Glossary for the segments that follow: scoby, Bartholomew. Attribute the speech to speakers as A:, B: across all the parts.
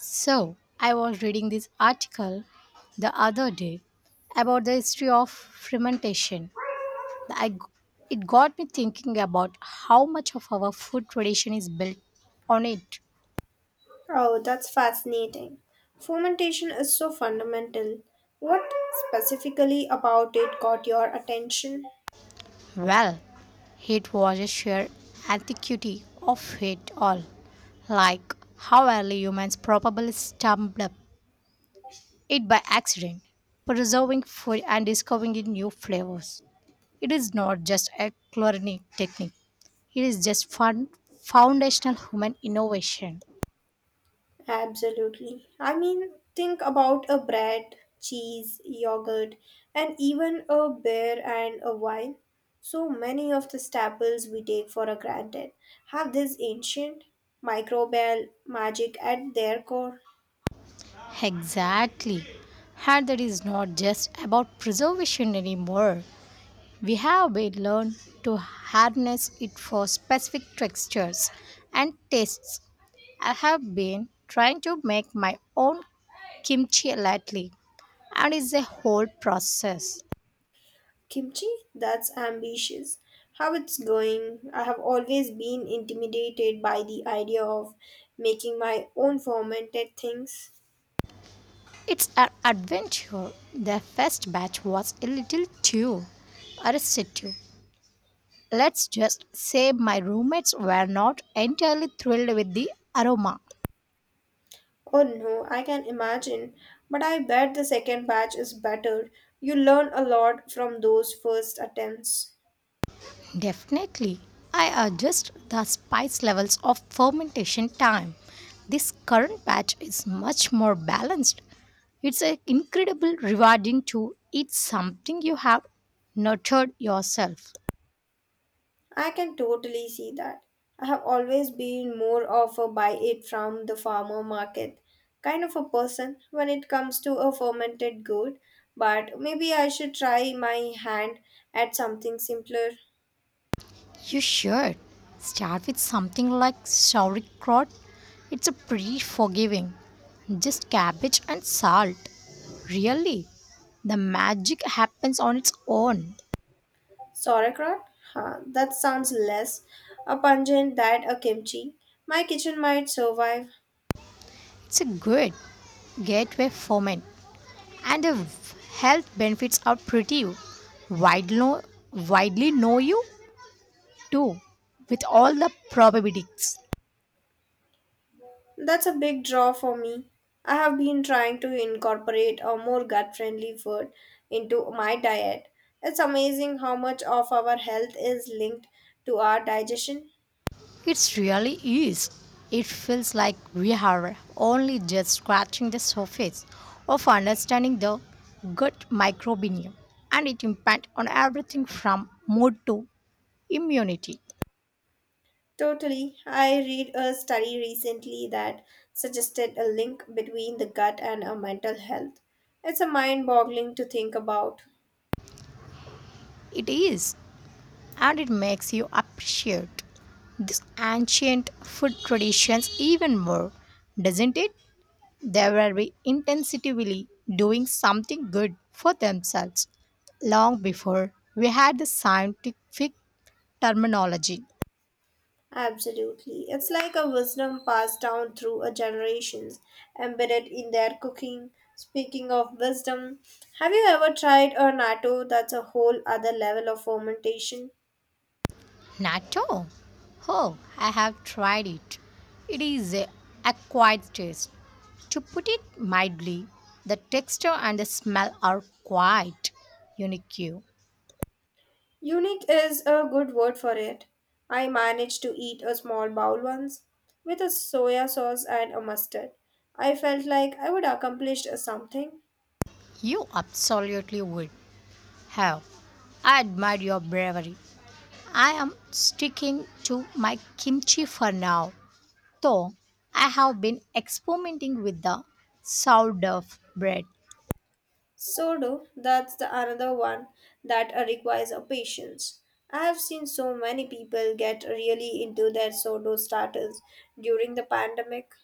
A: So, I was reading this article the other day about the history of fermentation. I, g- it got me thinking about how much of our food tradition is built on it.
B: Oh, that's fascinating. Fermentation is so fundamental. What specifically about it got your attention?
A: Well, it was a sheer antiquity of it all, like how early humans probably stumbled up it by accident, preserving food and discovering new flavors. It is not just a chlorinic technique. It is just fun, foundational human innovation.
B: Absolutely. I mean, think about a bread, cheese, yogurt, and even a beer and a wine. So many of the staples we take for granted have this ancient microbial magic at their core.
A: Exactly. And that is not just about preservation anymore. We have been learned to harness it for specific textures and tastes. I have been trying to make my own kimchi lately, and it's a whole process.
B: Kimchi? That's ambitious. How it's going? I have always been intimidated by the idea of making my own fermented things.
A: It's an adventure. The first batch was a little too arrested. Let's just say my roommates were not entirely thrilled with the aroma.
B: Oh no, I can imagine. But I bet the second batch is better. You learn a lot from those first attempts.
A: Definitely, I adjust the spice levels of fermentation time. This current batch is much more balanced. It's a incredible rewarding to eat something you have nurtured yourself.
B: I can totally see that. I have always been more of a buy it from the farmer market kind of a person when it comes to a fermented good, but maybe I should try my hand at something simpler.
A: You should start with something like sauerkraut. It's a pretty forgiving. Just cabbage and salt. Really, the magic happens on its own.
B: Sauerkraut? Huh, that sounds less a pungent than a kimchi. My kitchen might survive.
A: It's a good gateway ferment, and the health benefits are pretty widely, widely know you too, with all the probabilities.
B: That's a big draw for me. I have been trying to incorporate a more gut friendly food into my diet. It's amazing how much of our health is linked to our digestion.
A: It really is. It feels like we are only just scratching the surface of understanding the gut microbiome and its impact on everything from mood to immunity.
B: Totally. I read a study recently that suggested a link between the gut and our mental health. It's a mind boggling to think about.
A: It is, and it makes you appreciate these ancient food traditions even more, doesn't it? They were very intensively doing something good for themselves long before we had the scientific terminology.
B: Absolutely. It's like a wisdom passed down through a generations, embedded in their cooking. Speaking of wisdom, have you ever tried a natto that's a whole other level of fermentation?
A: Natto? Oh, I have tried it. It is a acquired taste. To put it mildly, the texture and the smell are quite unique.
B: Unique is a good word for it. I managed to eat a small bowl once with a soya sauce and a mustard. I felt like I would accomplish something.
A: You absolutely would have. I admire your bravery. I am sticking to my kimchi for now, though I have been experimenting with the sourdough bread.
B: So do that's the another one that requires a patience. I have seen so many people get really into their sourdough starters during the pandemic.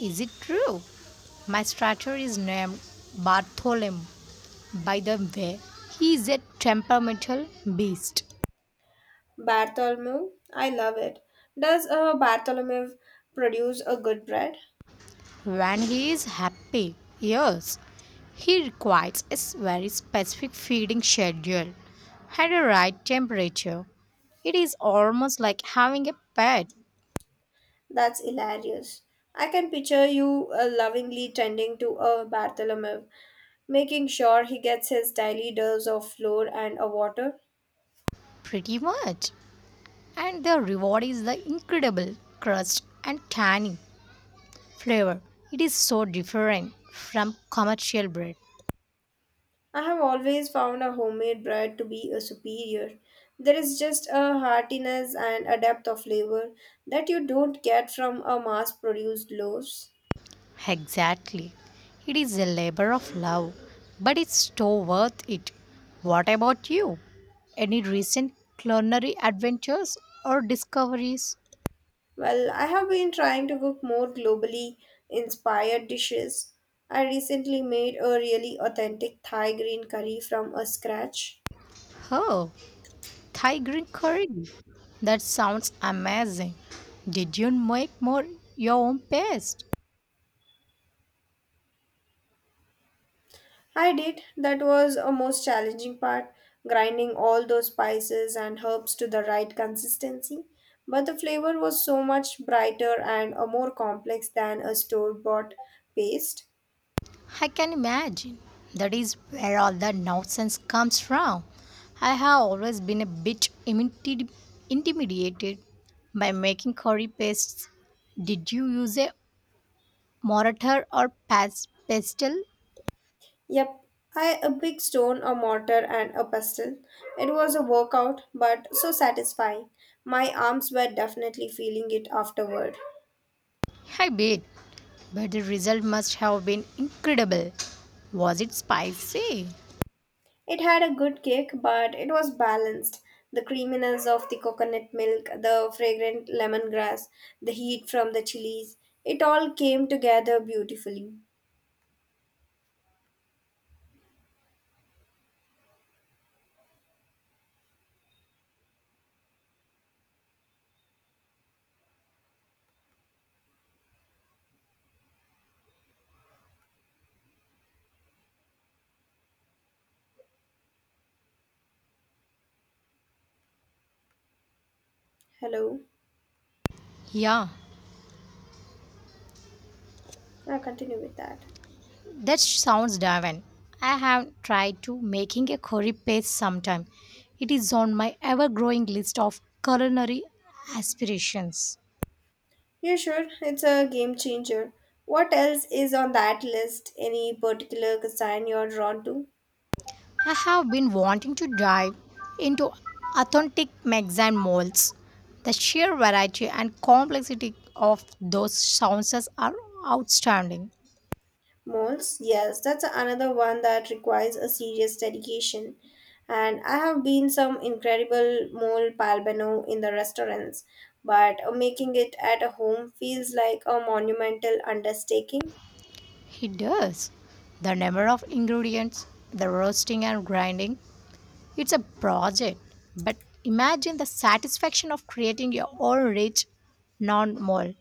A: Is it true? My stranger is named Bartholomew. By the way, he is a temperamental beast.
B: Bartholomew, I love it. Does a Bartholomew produce a good bread?
A: When he is happy, yes, he requires a very specific feeding schedule and a right temperature. It is almost like having a pet,
B: That's hilarious. I can picture you lovingly tending to a Bartholomew, making sure he gets his daily dose of flour and a water.
A: pretty much. And the reward is the incredible crust and tangy flavor. It is so different from commercial bread.
B: I have always found a homemade bread to be a superior. There is just a heartiness and a depth of flavor that you don't get from a mass-produced loaves.
A: Exactly. It is a labor of love, but it's so worth it. What about you? Any recent culinary adventures or discoveries?
B: Well, I have been trying to cook more globally inspired dishes. I recently made a really authentic Thai green curry from a scratch.
A: Oh, Thai green curry. That sounds amazing. Did you make more your own paste?
B: I did. That was a most challenging part, grinding all those spices and herbs to the right consistency. But the flavor was so much brighter and a more complex than a store bought paste.
A: I can imagine. That is where all the nonsense comes from. I have always been a bit intimidated by making curry pastes. Did you use a mortar or pestle?
B: Yep, I a big stone, a mortar, and a pestle. It was a workout, but so satisfying. My arms were definitely feeling it afterward.
A: I did, but the result must have been incredible. Was it spicy?
B: It had a good kick, but it was balanced. The creaminess of the coconut milk, the fragrant lemongrass, the heat from the chilies, it all came together beautifully. Hello,
A: Yeah,
B: I'll continue with that.
A: that sounds divine. I have tried to making a curry paste sometime. It is on my ever-growing list of culinary aspirations.
B: Yeah, sure, it's a game changer. What else is on that list? Any particular cuisine you're drawn to?
A: I have been wanting to dive into authentic Mexican molds. The sheer variety and complexity of those sauces are outstanding.
B: Moles, yes, that's another one that requires a serious dedication. And I have been some incredible mole palbano in the restaurants, but making it at home feels like a monumental undertaking.
A: It does. The number of ingredients, the roasting and grinding, it's a project, but imagine the satisfaction of creating your own rich non mall.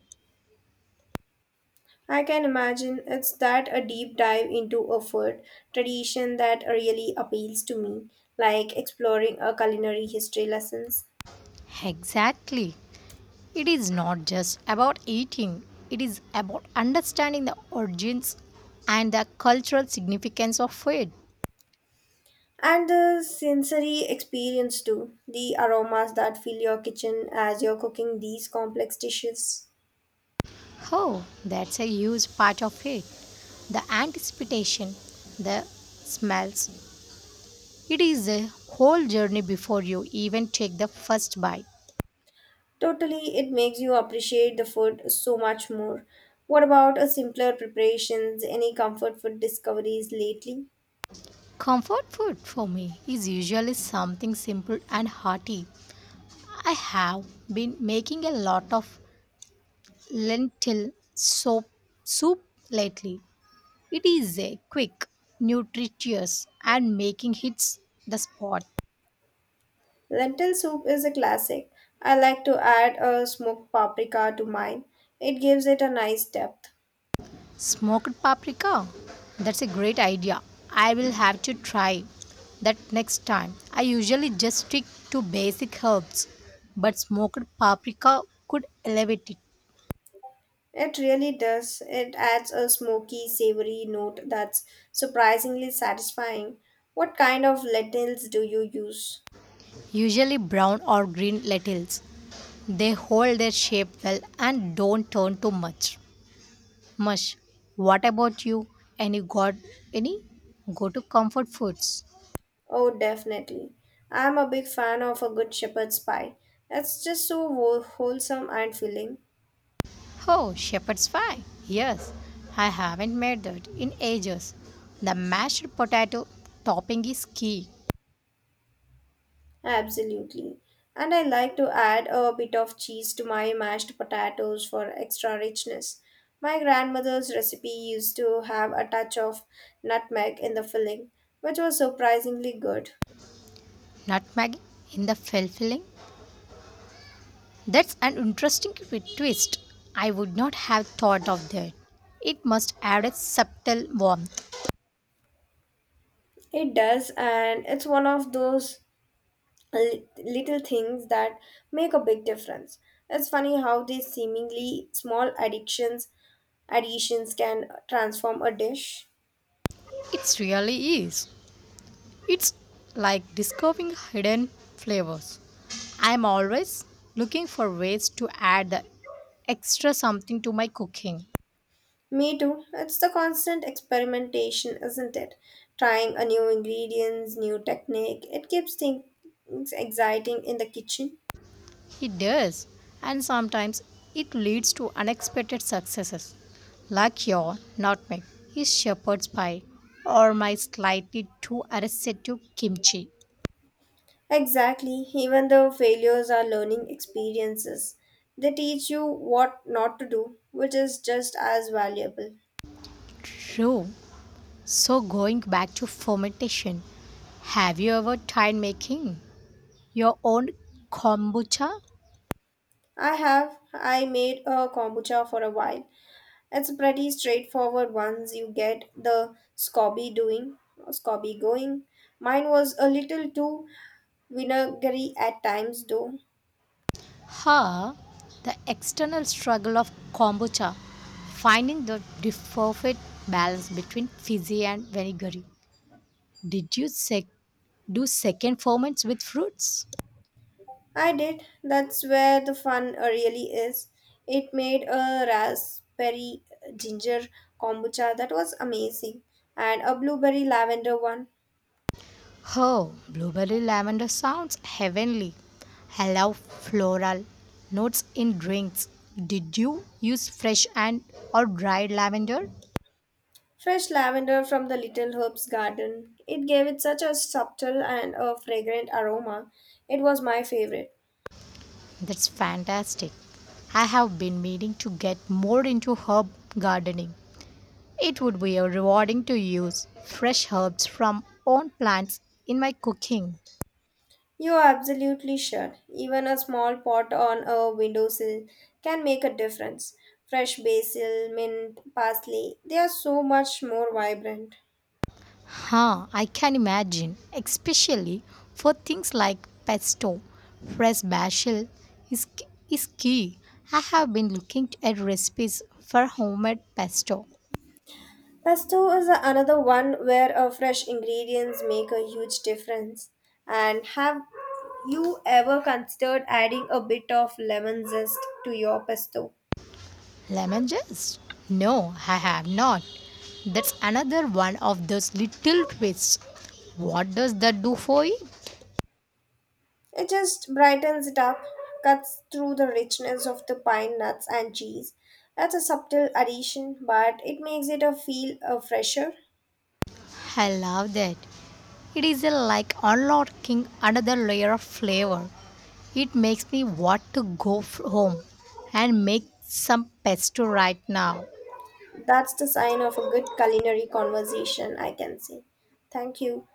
B: I can imagine it's that a deep dive into a food tradition that really appeals to me, like exploring a culinary history lessons.
A: Exactly. It is not just about eating, it is about understanding the origins and the cultural significance of food.
B: And the sensory experience too. The aromas that fill your kitchen as you're cooking these complex dishes.
A: Oh, that's a huge part of it. The anticipation, the smells. It is a whole journey before you even take the first bite.
B: Totally, it makes you appreciate the food so much more. What about a simpler preparations? Any comfort food discoveries lately?
A: Comfort food for me is usually something simple and hearty. I have been making a lot of lentil soup lately. It is a quick, nutritious and making hits the spot.
B: Lentil soup is a classic. I like to add a smoked paprika to mine. It gives it a nice depth.
A: Smoked paprika. That's a great idea. I will have to try that next time. I usually just stick to basic herbs, but smoked paprika could elevate it.
B: It really does. It adds a smoky, savory note that's surprisingly satisfying. What kind of lentils do you use?
A: Usually brown or green lentils. They hold their shape well and don't turn too much. Mush, what about you? Any got any? Go to comfort foods.
B: Oh, definitely. I'm a big fan of a good shepherd's pie. It's just so wholesome and filling.
A: Oh, shepherd's pie. Yes, I haven't made that in ages. The mashed potato topping is key.
B: Absolutely. And I like to add a bit of cheese to my mashed potatoes for extra richness. My grandmother's recipe used to have a touch of nutmeg in the filling, which was surprisingly good.
A: Nutmeg in the filling. That's an interesting twist. I would not have thought of that. It must add a subtle warmth.
B: It does, and it's one of those little things that make a big difference. It's funny how these seemingly small addictions additions can transform a dish.
A: It really is. It's like discovering hidden flavors. I'm always looking for ways to add the extra something to my cooking.
B: Me too. It's the constant experimentation, isn't it? Trying a new ingredients, new technique. It keeps things exciting in the kitchen.
A: It does, and sometimes it leads to unexpected successes, like your nutmeg, his shepherd's pie, or my slightly too arrested kimchi.
B: Exactly. Even though failures are learning experiences, they teach you what not to do, which is just as valuable.
A: True. So going back to fermentation, have you ever tried making your own kombucha?
B: I have. I made a kombucha for a while. It's pretty straightforward once you get the scoby going. Mine was a little too vinegary at times though.
A: Here, the external struggle of kombucha, finding the perfect balance between fizzy and vinegary. Did you do second ferments with fruits?
B: I did. That's where the fun really is. It made a raspberry ginger kombucha that was amazing and a blueberry lavender one.
A: Oh, blueberry lavender sounds heavenly. Allow floral notes in drinks. Did you use fresh and or dried lavender?
B: Fresh lavender from the little herb's garden. It gave it such a subtle and a fragrant aroma. It was my favorite.
A: That's fantastic. I have been meaning to get more into herb gardening. It would be rewarding to use fresh herbs from own plants in my cooking.
B: You are absolutely sure. Even a small pot on a windowsill can make a difference. Fresh basil, mint, parsley, they are so much more vibrant.
A: Huh, I can imagine, especially for things like pesto. Fresh basil is, is key. I have been looking at recipes for homemade pesto.
B: Pesto is another one where fresh ingredients make a huge difference. And have you ever considered adding a bit of lemon zest to your pesto?
A: Lemon zest? No, I have not. That's another one of those little twists. What does that do for you?
B: It just brightens it up, cuts through the richness of the pine nuts and cheese. That's a subtle addition, but it makes it a feel a fresher.
A: I love that. It is a like unlocking another layer of flavor. It makes me want to go home and make some pesto right now.
B: That's the sign of a good culinary conversation, I can say. Thank you.